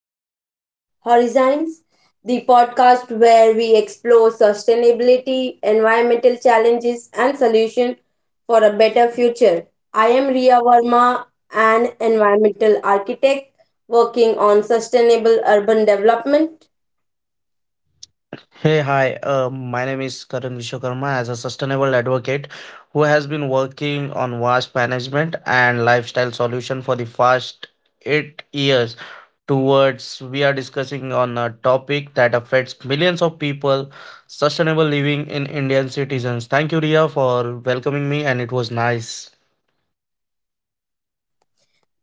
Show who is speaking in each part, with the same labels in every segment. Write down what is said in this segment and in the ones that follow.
Speaker 1: to Green Horizons, the podcast where we explore sustainability, environmental challenges, and solutions for a better future. I am Riya Verma, an environmental architect working on sustainable urban development.
Speaker 2: Hey, hi. My name is Karan Vishwakarma as a sustainable advocate who has been working on waste management and lifestyle solution for the past 8 years. Towards we are discussing on a topic that affects millions of people, sustainable living in Indian citizens. Thank you, Ria, for welcoming me, and it was nice.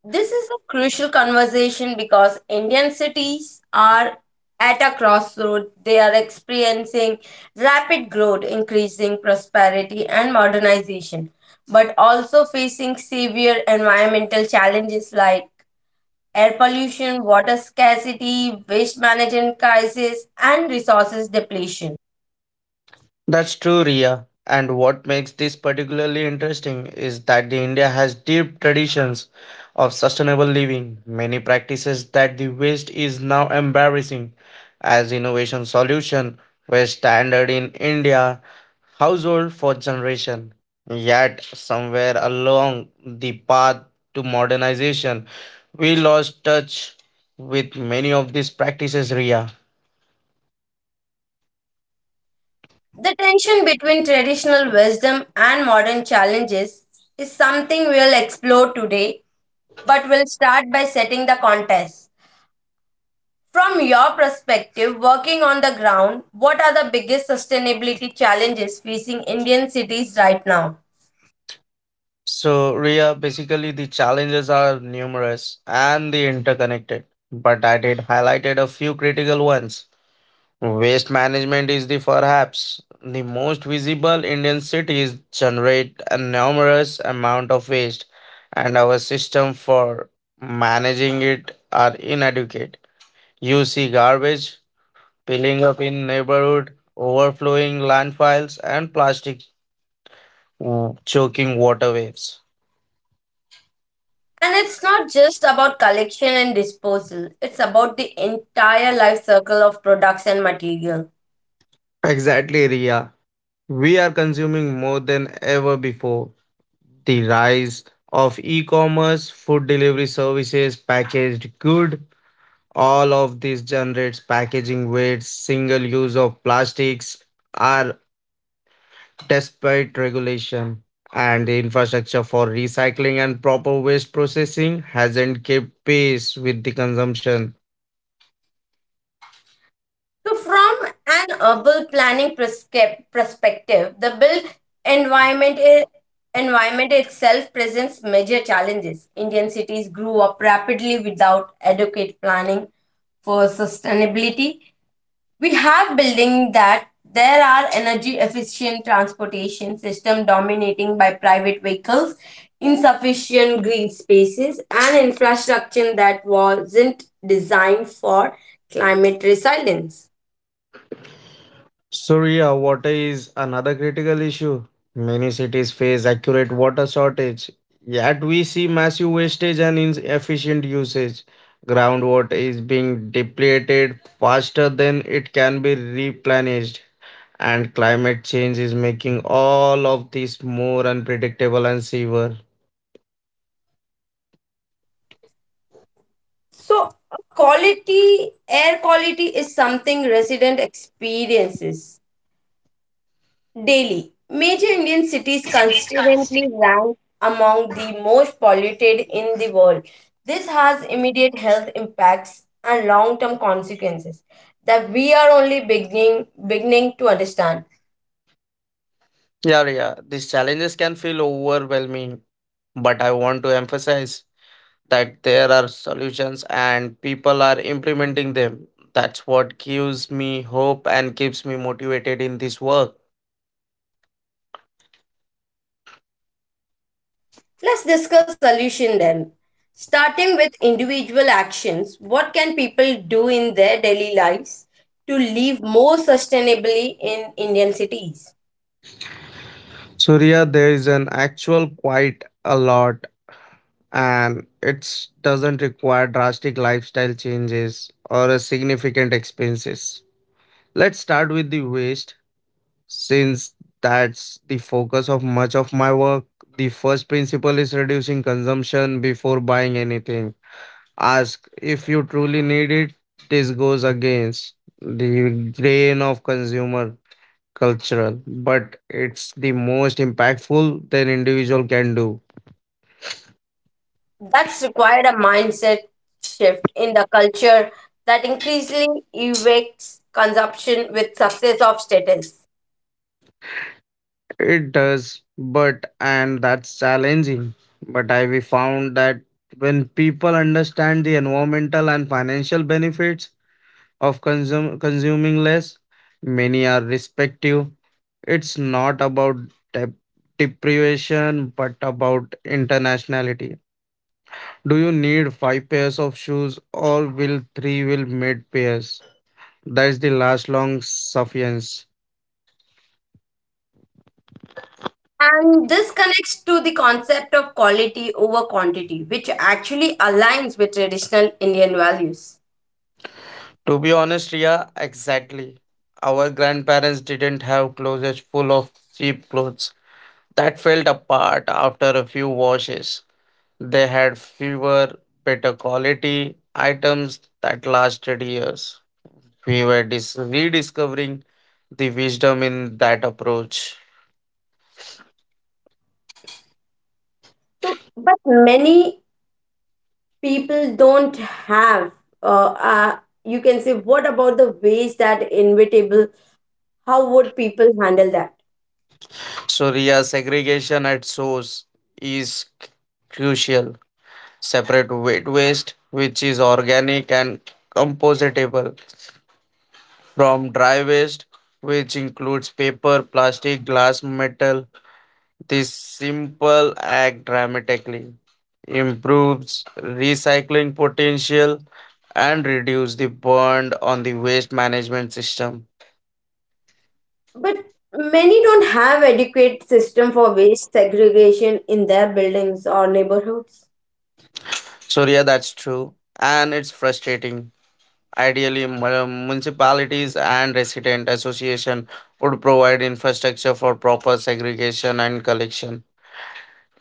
Speaker 1: This is a crucial conversation because Indian cities are at a crossroad. They are experiencing rapid growth, increasing prosperity, and modernization, but also facing severe environmental challenges like air pollution, water scarcity, waste management crisis, and resources depletion.
Speaker 2: That's true, Ria. And what makes this particularly interesting is that the India has deep traditions of sustainable living, many practices that the West is now embarrassing as innovation solution were standard in India household for generation. Yet somewhere along the path to modernization, we lost touch with many of these practices, Ria.
Speaker 1: The tension between traditional wisdom and modern challenges is something we'll explore today, but we'll start by setting the context. From your perspective, working on the ground, what are the biggest sustainability challenges facing Indian cities right now?
Speaker 2: So, Ria, basically the challenges are numerous and the interconnected, but I did highlighted a few critical ones. Waste management is the perhaps the most visible Indian cities generate a numerous amount of waste, and our system for managing it are inadequate. You see garbage piling up in neighborhood, overflowing landfills, and plastic choking water waves.
Speaker 1: And it's not just about collection and disposal, it's about the entire life cycle of products and material.
Speaker 2: Exactly, Ria. We are consuming more than ever before. The rise of e commerce, food delivery services, packaged good, all of this generates packaging waste, single use of plastics are despite regulation. And the infrastructure for recycling and proper waste processing hasn't kept pace with the consumption.
Speaker 1: So, from an urban planning perspective, the built environment i- environment itself presents major challenges. Indian cities grew up rapidly without adequate planning for sustainability. We have building that there are energy efficient transportation system dominating by private vehicles, insufficient green spaces, and infrastructure that wasn't designed for climate resilience.
Speaker 2: Surya, water is another critical issue. Many cities face accurate water shortage, yet we see massive wastage and inefficient usage. Groundwater is being depleted faster than it can be replenished, and climate change is making all of this more unpredictable and severe.
Speaker 1: So, quality air quality is something resident experiences daily. Major Indian cities consistently rank among the most polluted in the world. This has immediate health impacts and long-term consequences that we are only beginning to understand.
Speaker 2: Yeah, yeah, these challenges can feel overwhelming, but I want to emphasize that there are solutions and people are implementing them. That's what gives me hope and keeps me motivated in this work.
Speaker 1: Let's discuss solution then. Starting with individual actions, what can people do in their daily lives to live more sustainably in Indian cities?
Speaker 2: So yeah, there is an actual quite a lot and it doesn't require drastic lifestyle changes or a significant expenses. Let's start with the waste since that's the focus of much of my work. The first principle is reducing consumption before buying anything. Ask if you truly need it. This goes against the grain of consumer cultural, but it's the most impactful that individual can do.
Speaker 1: That's required a mindset shift in the culture that increasingly equates consumption with success of status.
Speaker 2: It does, but and that's challenging. But I we found that when people understand the environmental and financial benefits of consuming less, many are respective. It's not about dep- deprivation, but about internationality. Do you need five pairs of shoes or will three will made pairs? That is the last long suffice.
Speaker 1: And this connects to the concept of quality over quantity, which actually aligns with traditional Indian values.
Speaker 2: To be honest, Ria, exactly. Our grandparents didn't have closets full of cheap clothes that fell apart after a few washes. They had fewer, better quality items that lasted years. We were rediscovering the wisdom in that approach.
Speaker 1: So, but many people don't have uh, uh you can say, what about the waste that inevitable, how would people handle that?
Speaker 2: So, yeah, segregation at source is crucial. Separate wet waste, which is organic and compostable, from dry waste, which includes paper, plastic, glass, metal. This simple act dramatically improves recycling potential and reduce the burn on the waste management system.
Speaker 1: But many don't have adequate system for waste segregation in their buildings or neighborhoods.
Speaker 2: So, yeah, that's true. And it's frustrating. Ideally, municipalities and resident association would provide infrastructure for proper segregation and collection.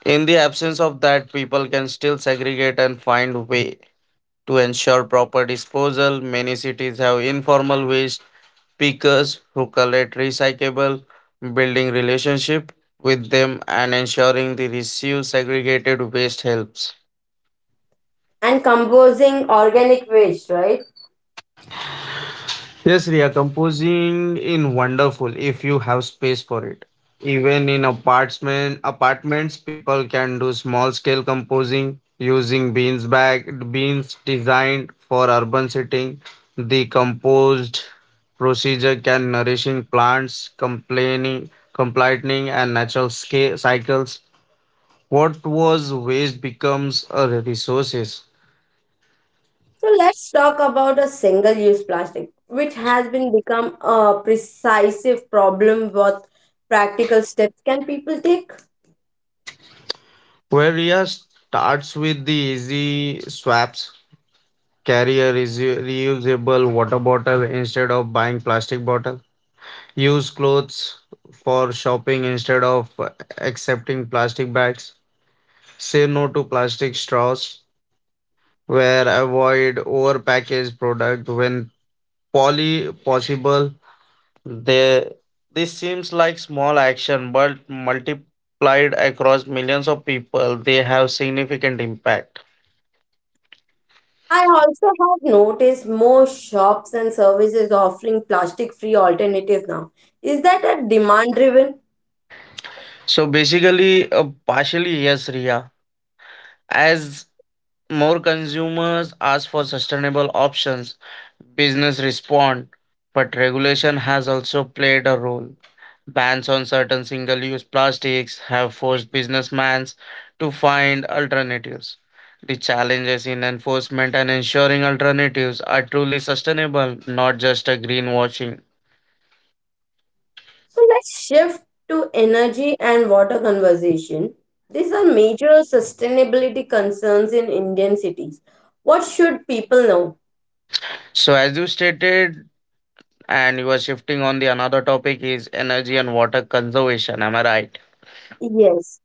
Speaker 2: In the absence of that, people can still segregate and find way to ensure proper disposal. Many cities have informal waste pickers who collect recyclable, building relationship with them and ensuring the reuse segregated waste helps.
Speaker 1: And composing organic waste, right?
Speaker 2: Yes, Ria. Composing in wonderful if you have space for it. Even in apartments, people can do small scale composing using beans bag beans designed for urban setting. The composed procedure can nourishing plants, complaining, completing, and natural scale cycles. What was waste becomes a resources.
Speaker 1: So let's talk about a single use plastic, which has been become a precise problem. What practical steps can people take?
Speaker 2: Where Riya starts with the easy swaps. Carry a reusable water bottle instead of buying plastic bottle. Use clothes for shopping instead of accepting plastic bags. Say no to plastic straws. Where avoid overpackaged product when poly possible. They, this seems like small action, but multiplied across millions of people, they have significant impact.
Speaker 1: I also have noticed more shops and services offering plastic free alternatives now. Is that a demand driven?
Speaker 2: So basically, partially yes, Ria. As more consumers ask for sustainable options, business respond, but regulation has also played a role. Bans on certain single-use plastics have forced businessmen to find alternatives. The challenges in enforcement and ensuring alternatives are truly sustainable, not just a greenwashing.
Speaker 1: So let's shift to energy and water conversation. These are major sustainability concerns in Indian cities. What should people know?
Speaker 2: So, as you stated, and you are shifting on the another topic is energy and water conservation. Am I right?
Speaker 1: Yes.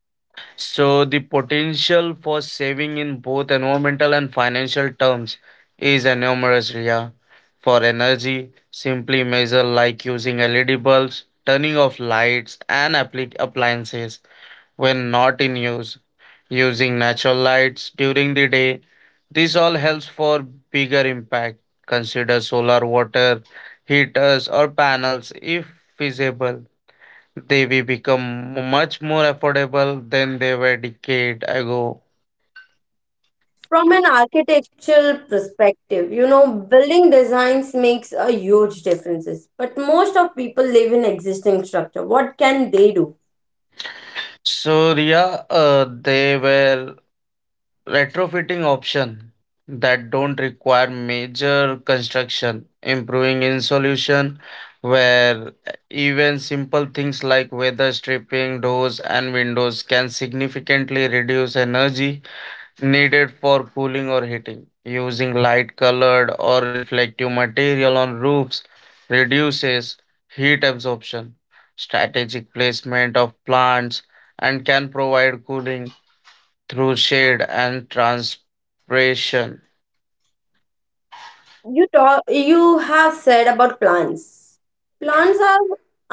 Speaker 2: So the potential for saving in both environmental and financial terms is enormous, Ria. For energy, simply measure like using LED bulbs, turning off lights and appliances when not in use, using natural lights during the day. This all helps for bigger impact. Consider solar water heaters or panels if feasible they will become much more affordable than they were decade ago.
Speaker 1: From an architectural perspective, you know, building designs makes a huge differences. But most of people live in existing structure. What can they do?
Speaker 2: So yeah, they were retrofitting option that don't require major construction, improving insulation where even simple things like weather stripping doors and windows can significantly reduce energy needed for cooling or heating. Using light colored or reflective material on roofs reduces heat absorption, strategic placement of plants, and can provide cooling through shade and transpiration.
Speaker 1: You talk. You have said about plants. Plants are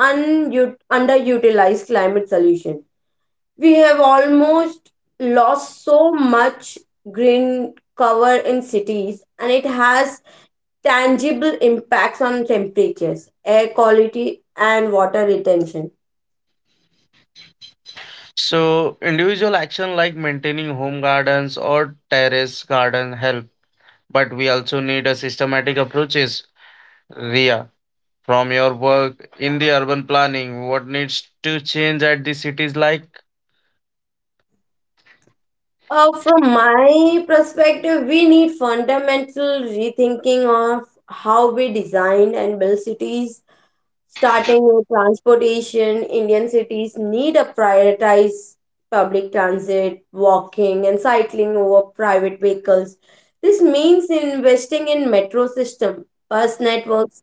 Speaker 1: underutilized climate solution. We have almost lost so much green cover in cities, and it has tangible impacts on temperatures, air quality, and water retention.
Speaker 2: So, individual action like maintaining home gardens or terrace garden help, but we also need a systematic approaches. Ria, from your work in the urban planning what needs to change at the cities like
Speaker 1: From my perspective, we need fundamental rethinking of how we design and build cities, starting with transportation. Indian cities need to prioritize public transit, walking, and cycling over private vehicles. This means investing in metro system, bus networks,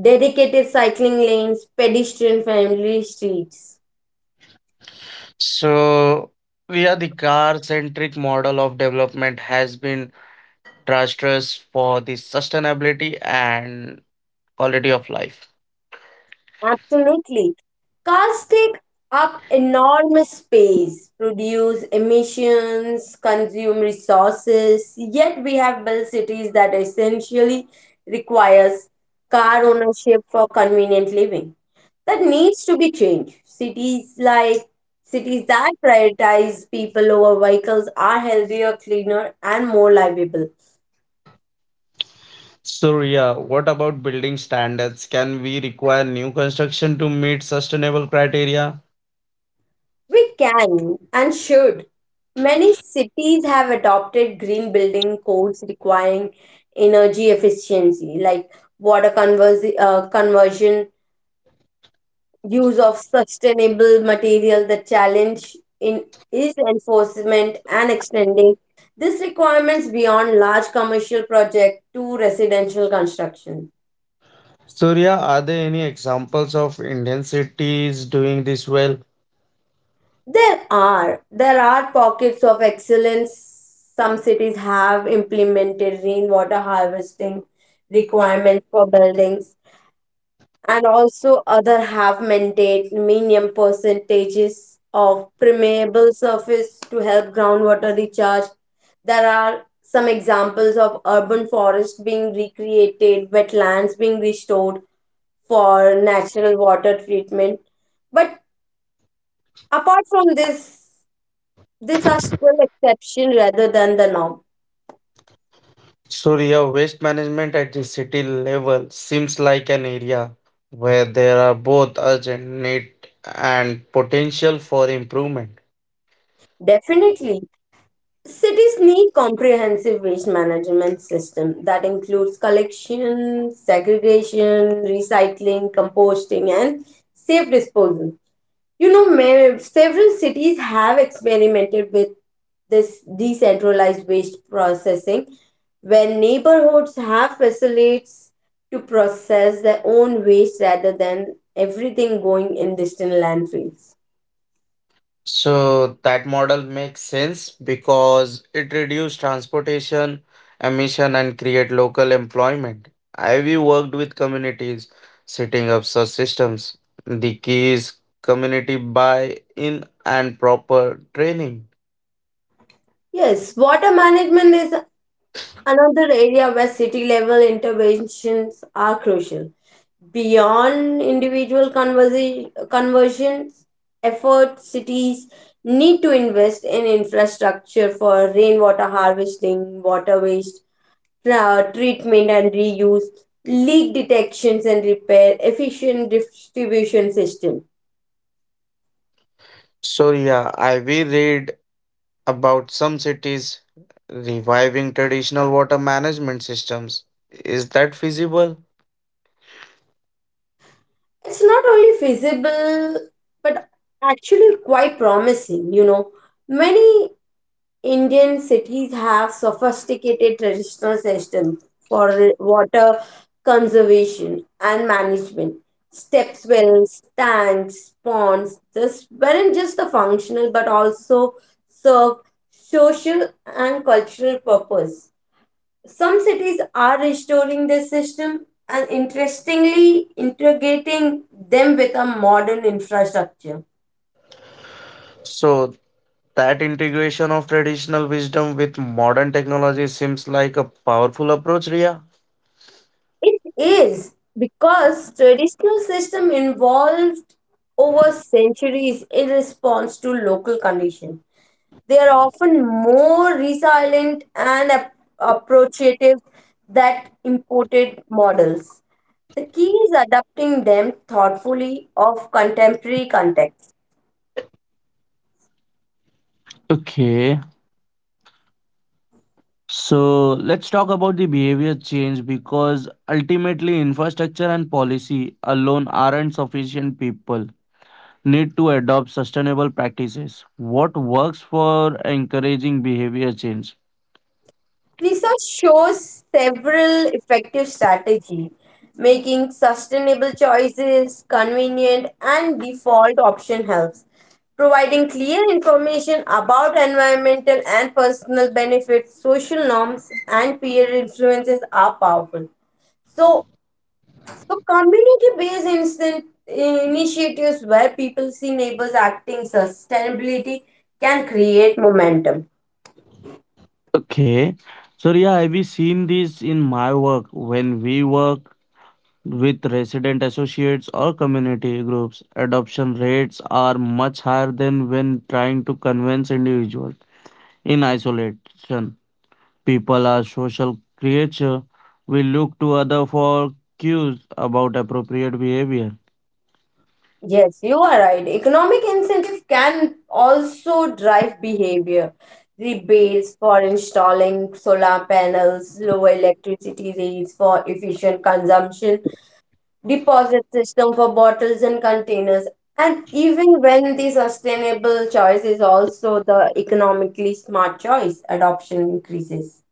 Speaker 1: dedicated cycling lanes, pedestrian-friendly streets.
Speaker 2: so yeah the car centric model of development has been disastrous for the sustainability and quality of life.
Speaker 1: Absolutely. Cars take up enormous space, produce emissions, consume resources, yet we have built cities that essentially requires car ownership for convenient living. That needs to be changed. Cities that prioritize people over vehicles are healthier, cleaner and more livable.
Speaker 2: So yeah, what about building standards, can we require new construction to meet sustainable criteria?
Speaker 1: We can and should. Many cities have adopted green building codes requiring energy efficiency, like conversion, use of sustainable material. The challenge in is enforcement and extending these requirements beyond large commercial project to residential construction.
Speaker 2: Surya, are there any examples of Indian cities doing this well?
Speaker 1: There are. There are pockets of excellence. Some cities have implemented rainwater harvesting requirements for buildings, and also other have maintained minimum percentages of permeable surface to help groundwater recharge. There are some examples of urban forests being recreated, wetlands being restored for natural water treatment. But apart from this, these are still exception rather than the norm.
Speaker 2: So, yeah, waste management at the city level seems like an area where there are both urgent need and potential for improvement.
Speaker 1: Definitely, cities need comprehensive waste management system that includes collection, segregation, recycling, composting, and safe disposal. You know, several cities have experimented with this decentralized waste processing, where neighborhoods have facilities to process their own waste rather than everything going in distant landfills.
Speaker 2: So, that model makes sense because it reduces transportation emission and create local employment. I've worked with communities setting up such systems. The key is community buy-in and proper training.
Speaker 1: Yes, water management is another area where city level interventions are crucial. Beyond individual conversions efforts, cities need to invest in infrastructure for rainwater harvesting, water waste treatment and reuse, leak detections and repair, efficient distribution system.
Speaker 2: So yeah, I will read about some cities reviving traditional water management systems. Is that feasible?
Speaker 1: It's not only feasible but actually quite promising, you know. Many Indian cities have sophisticated traditional systems for water conservation and management. Step wells, tanks, ponds, this weren't just the functional but also serve social and cultural purpose. Some cities are restoring this system and interestingly integrating them with a modern infrastructure.
Speaker 2: So, that integration of traditional wisdom with modern technology seems like a powerful approach, Ria.
Speaker 1: It is because traditional system evolved over centuries in response to local conditions. They are often more resilient and approachative than imported models. The key is adapting them thoughtfully of contemporary context.
Speaker 2: Okay, so let's talk about the behavior change because ultimately infrastructure and policy alone aren't sufficient. People need to adopt sustainable practices. What works for encouraging behavior change?
Speaker 1: Research shows several effective strategies, making sustainable choices convenient and default option helps. Providing clear information about environmental and personal benefits, social norms, and peer influences are powerful. So, so community-based instant initiatives where people see neighbors acting sustainability can create momentum.
Speaker 2: Okay. So yeah, I've seen this in my work when we work with resident associates or community groups. Adoption rates are much higher than when trying to convince individuals in isolation. People are social creature. We look to other for cues about appropriate behavior.
Speaker 1: Yes, you are right. Economic incentive can also drive behavior. Rebates for installing solar panels, lower electricity rates for efficient consumption, deposit system for bottles and containers. And even when the sustainable choice is also the economically smart choice, adoption increases.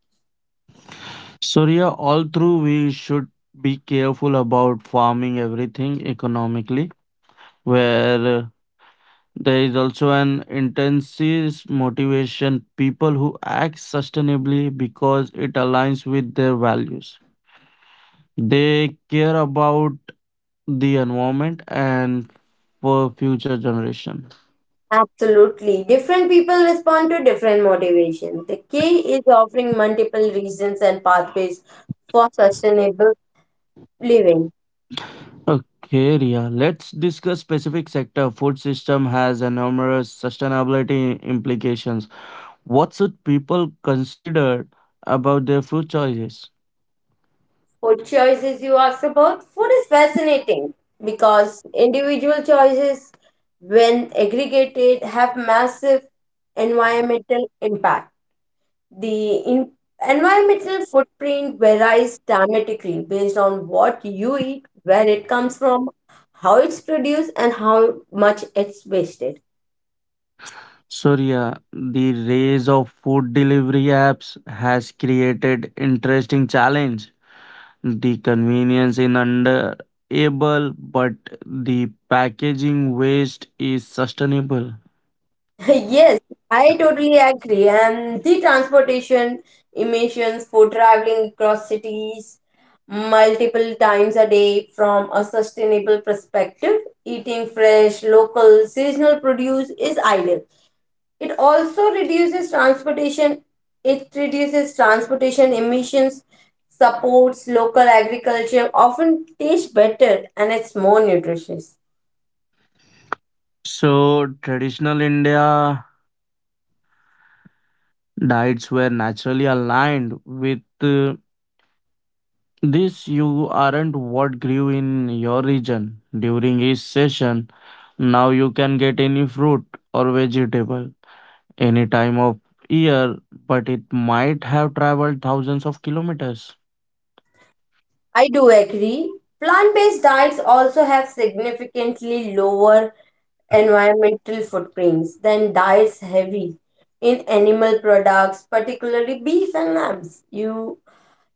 Speaker 2: So yeah, all through we should be careful about farming everything economically where there is also an intense motivation people who act sustainably because it aligns with their values. They care about the environment and for future generation.
Speaker 1: Absolutely. Different people respond to different motivations. The key is offering multiple reasons and pathways for sustainable living.
Speaker 2: Okay, Ria, let's discuss specific sector. Food system has enormous sustainability implications. What should people consider about their food choices?
Speaker 1: Food choices you asked about. Food is fascinating because individual choices, when aggregated, have massive environmental impact. The environmental footprint varies dramatically based on what you eat, where it comes from, how it's produced, and how much it's wasted.
Speaker 2: Surya, the rise of food delivery apps has created interesting challenge. The convenience in under able, but the packaging waste is sustainable.
Speaker 1: Yes, I totally agree. And the transportation emissions for traveling across cities multiple times a day, from a sustainable perspective, eating fresh, local, seasonal produce is ideal. It also reduces transportation, it reduces transportation emissions, supports local agriculture, often tastes better and it's more nutritious.
Speaker 2: So traditional India diets were naturally aligned with this. You aren't what grew in your region during each session. Now you can get any fruit or vegetable any time of year, but it might have traveled thousands of kilometers.
Speaker 1: I do agree. Plant based diets also have significantly lower environmental footprints than diets heavy in animal products, particularly beef and lambs. You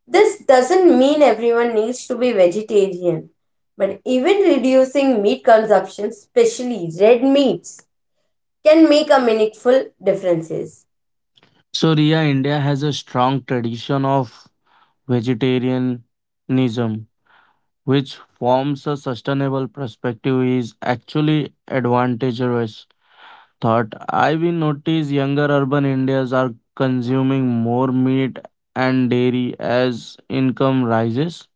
Speaker 1: this doesn't mean everyone needs to be vegetarian, but even reducing meat consumption, especially red meats, can make a meaningful differences.
Speaker 2: So, Ria, India has a strong tradition of vegetarianism, which forms a sustainable perspective is actually advantageous. Thought I will notice younger urban Indians are consuming more meat and dairy as income rises.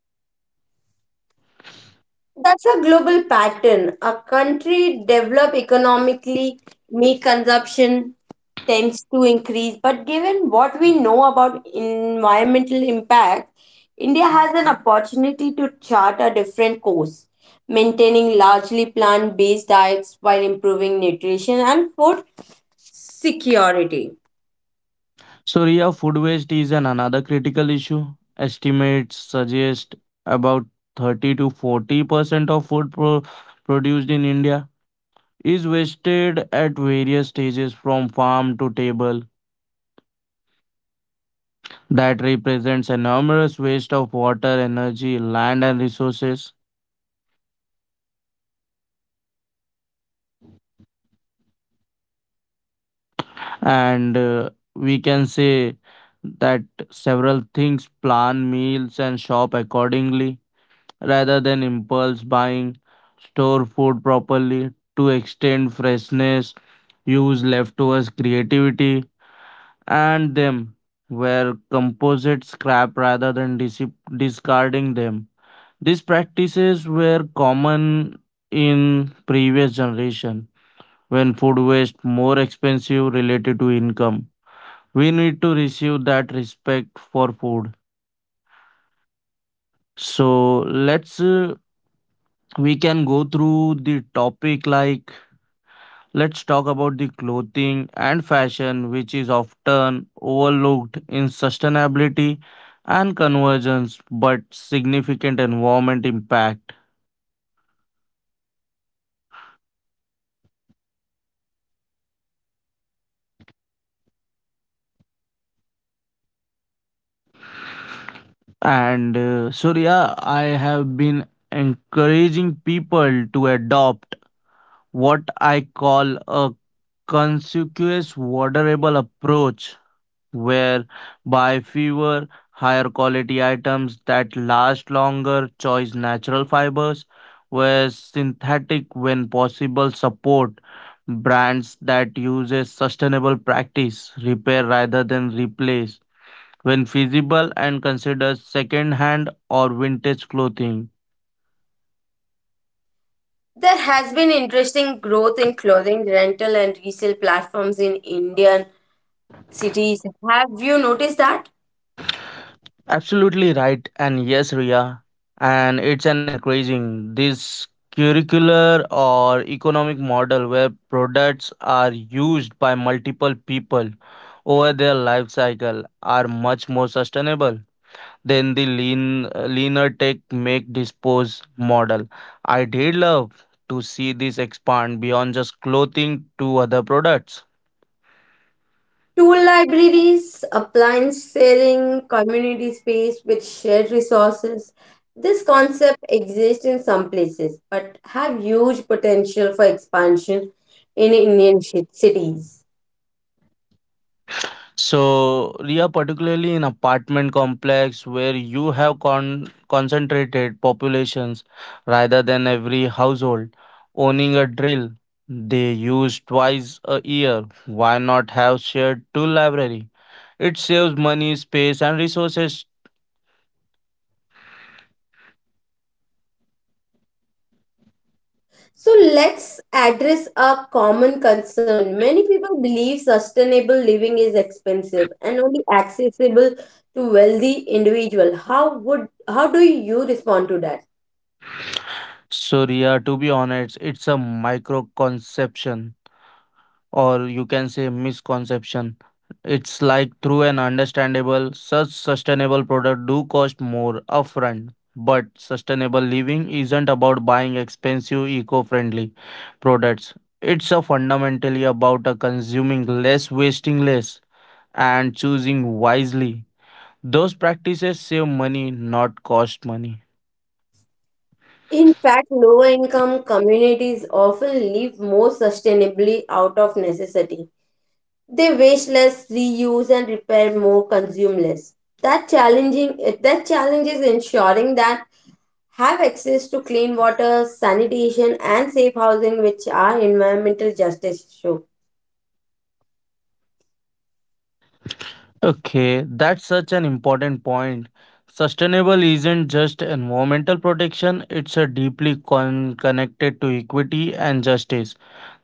Speaker 1: That's a global pattern. A country develop economically, meat consumption tends to increase. But given what we know about environmental impact, India has an opportunity to chart a different course, maintaining largely plant-based diets while improving nutrition and food security.
Speaker 2: So, Ria, food waste is an another critical issue. Estimates suggest about 30 to 40% of food produced in India is wasted at various stages from farm to table. That represents enormous waste of water, energy, land, and resources. And we can say that several things plan meals and shop accordingly rather than impulse buying. Store food properly to extend freshness, use leftovers creativity, and them where composite scrap rather than discarding them. These practices were common in previous generation when food waste more expensive related to income. We need to receive that respect for food. So let's we can go through the topic like Let's talk about the clothing and fashion, which is often overlooked in sustainability and convergence, but significant environment impact. And Surya, I have been encouraging people to adopt what I call a conspicuous, waterable approach where buy fewer, higher quality items that last longer. Choose natural fibers, where synthetic when possible support brands that uses sustainable practice, repair rather than replace when feasible and consider second hand or vintage clothing.
Speaker 1: There has been interesting growth in clothing rental and resale platforms in Indian cities. Have you noticed that?
Speaker 2: Absolutely right. And yes, Ria, and it's an increasing this curricular or economic model where products are used by multiple people over their life cycle are much more sustainable than the leaner take make dispose model. I did love to see this expand beyond just clothing to other products.
Speaker 1: Tool libraries, appliance sharing, community space with shared resources. This concept exists in some places but have huge potential for expansion in cities.
Speaker 2: So, Ria, particularly in apartment complex where you have concentrated populations rather than every household owning a drill they use twice a year, why not have shared two library? It saves money, space, and resources.
Speaker 1: So let's address a common concern. Many people believe sustainable living is expensive and only accessible to wealthy individuals. How do you respond to that?
Speaker 2: So, Ria, to be honest, it's a micro conception or you can say misconception. It's like through an understandable, such sustainable product do cost more upfront. But sustainable living isn't about buying expensive eco-friendly products. It's a fundamentally about a consuming less, wasting less, and choosing wisely. Those practices save money, not cost money.
Speaker 1: In fact, lower income communities often live more sustainably out of necessity. They waste less, reuse and repair more, consume less. That challenge is ensuring that have access to clean water, sanitation and safe housing, which are environmental justice issue.
Speaker 2: Okay, that's such an important point. Sustainable isn't just environmental protection, it's a deeply connected to equity and justice.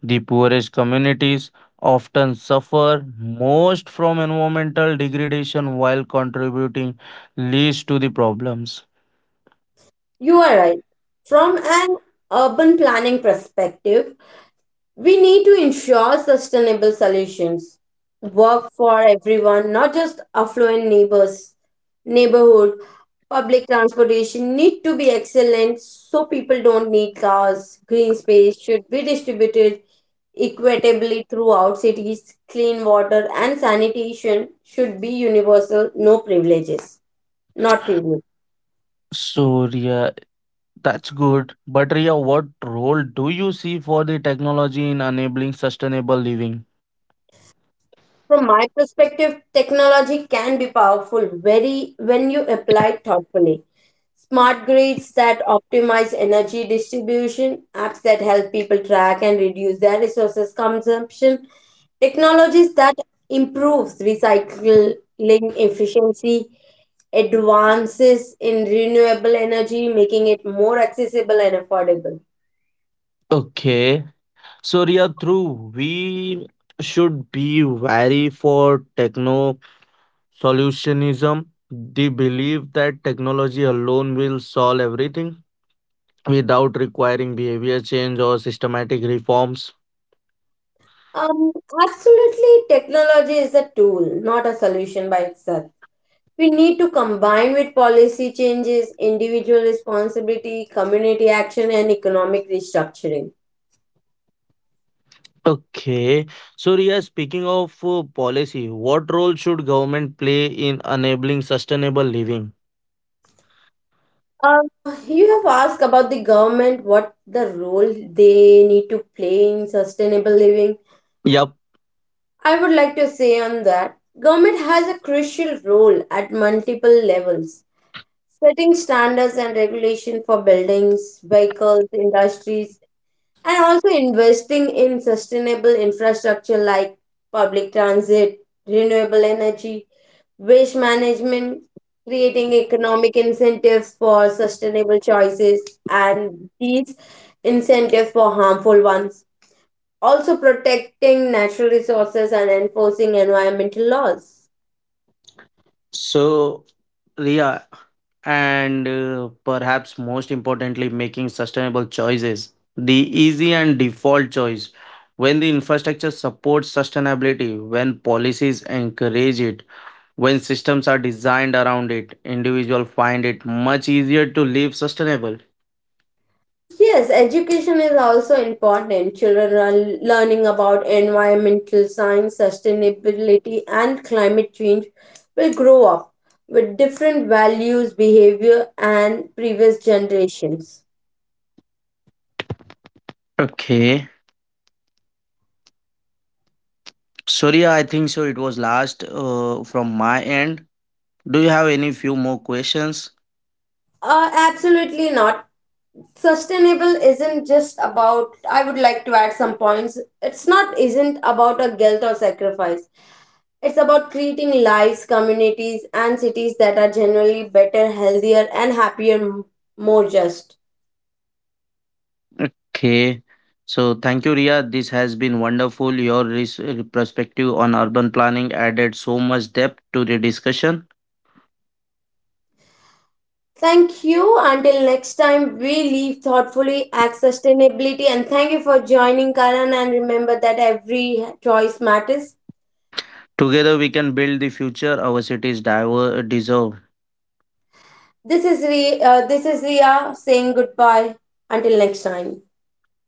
Speaker 2: The poorest communities often suffer most from environmental degradation while contributing least to the problems.
Speaker 1: You are right. From an urban planning perspective, we need to ensure sustainable solutions work for everyone, not just affluent neighbors. Neighborhood public transportation need to be excellent so people don't need cars. Green space should be distributed equitably throughout cities. Clean water and sanitation should be universal, no privileges, not privilege.
Speaker 2: So, Ria, that's good. But, Ria, what role do you see for the technology in enabling sustainable living?
Speaker 1: From my perspective, technology can be powerful very when you apply it thoughtfully. Smart grids that optimize energy distribution, apps that help people track and reduce their resources consumption, technologies that improves recycling efficiency, advances in renewable energy, making it more accessible and affordable.
Speaker 2: Okay. So Ria, true. We should be wary for techno solutionism, the belief that technology alone will solve everything without requiring behavior change or systematic reforms.
Speaker 1: Um, Absolutely, technology is a tool, not a solution by itself. We need to combine with policy changes, individual responsibility, community action, and economic restructuring.
Speaker 2: Okay. So Ria, speaking of policy, what role should government play in enabling sustainable living?
Speaker 1: Uh, you have asked about the government, what the role they need to play in sustainable living.
Speaker 2: Yep.
Speaker 1: I would like to say on that, government has a crucial role at multiple levels, setting standards and regulation for buildings, vehicles, industries, and also investing in sustainable infrastructure like public transit, renewable energy, waste management, creating economic incentives for sustainable choices and these incentives for harmful ones. Also protecting natural resources and enforcing environmental laws.
Speaker 2: So, Ria, and perhaps most importantly making sustainable choices the easy and default choice when the infrastructure supports sustainability when policies encourage it when systems are designed around it individuals find it much easier to live sustainable.
Speaker 1: Yes, education is also important. Children are learning about environmental science, sustainability, and climate change will grow up with different values, behavior, and previous generations.
Speaker 2: Okay, Surya, I think so it was last from my end, do you have any few more questions?
Speaker 1: Absolutely not. Sustainable isn't just about, I would like to add some points. It's not, isn't about a guilt or sacrifice. It's about creating lives, communities, and cities that are generally better, healthier, and happier, more just.
Speaker 2: Okay. So thank you, Ria. This has been wonderful. Your perspective on urban planning added so much depth to the discussion.
Speaker 1: Thank you. Until next time, we live thoughtfully, act sustainability, and thank you for joining, Karan. And remember that every choice matters.
Speaker 2: Together, we can build the future our cities deserve.
Speaker 1: This is Ria saying goodbye. Until next time,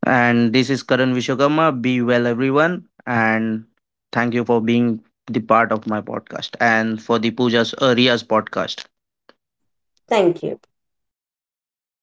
Speaker 2: And this is Karan Vishwakarma. Be well, everyone. And thank you for being the part of my podcast and for the Pooja's Ria's podcast.
Speaker 1: thank you.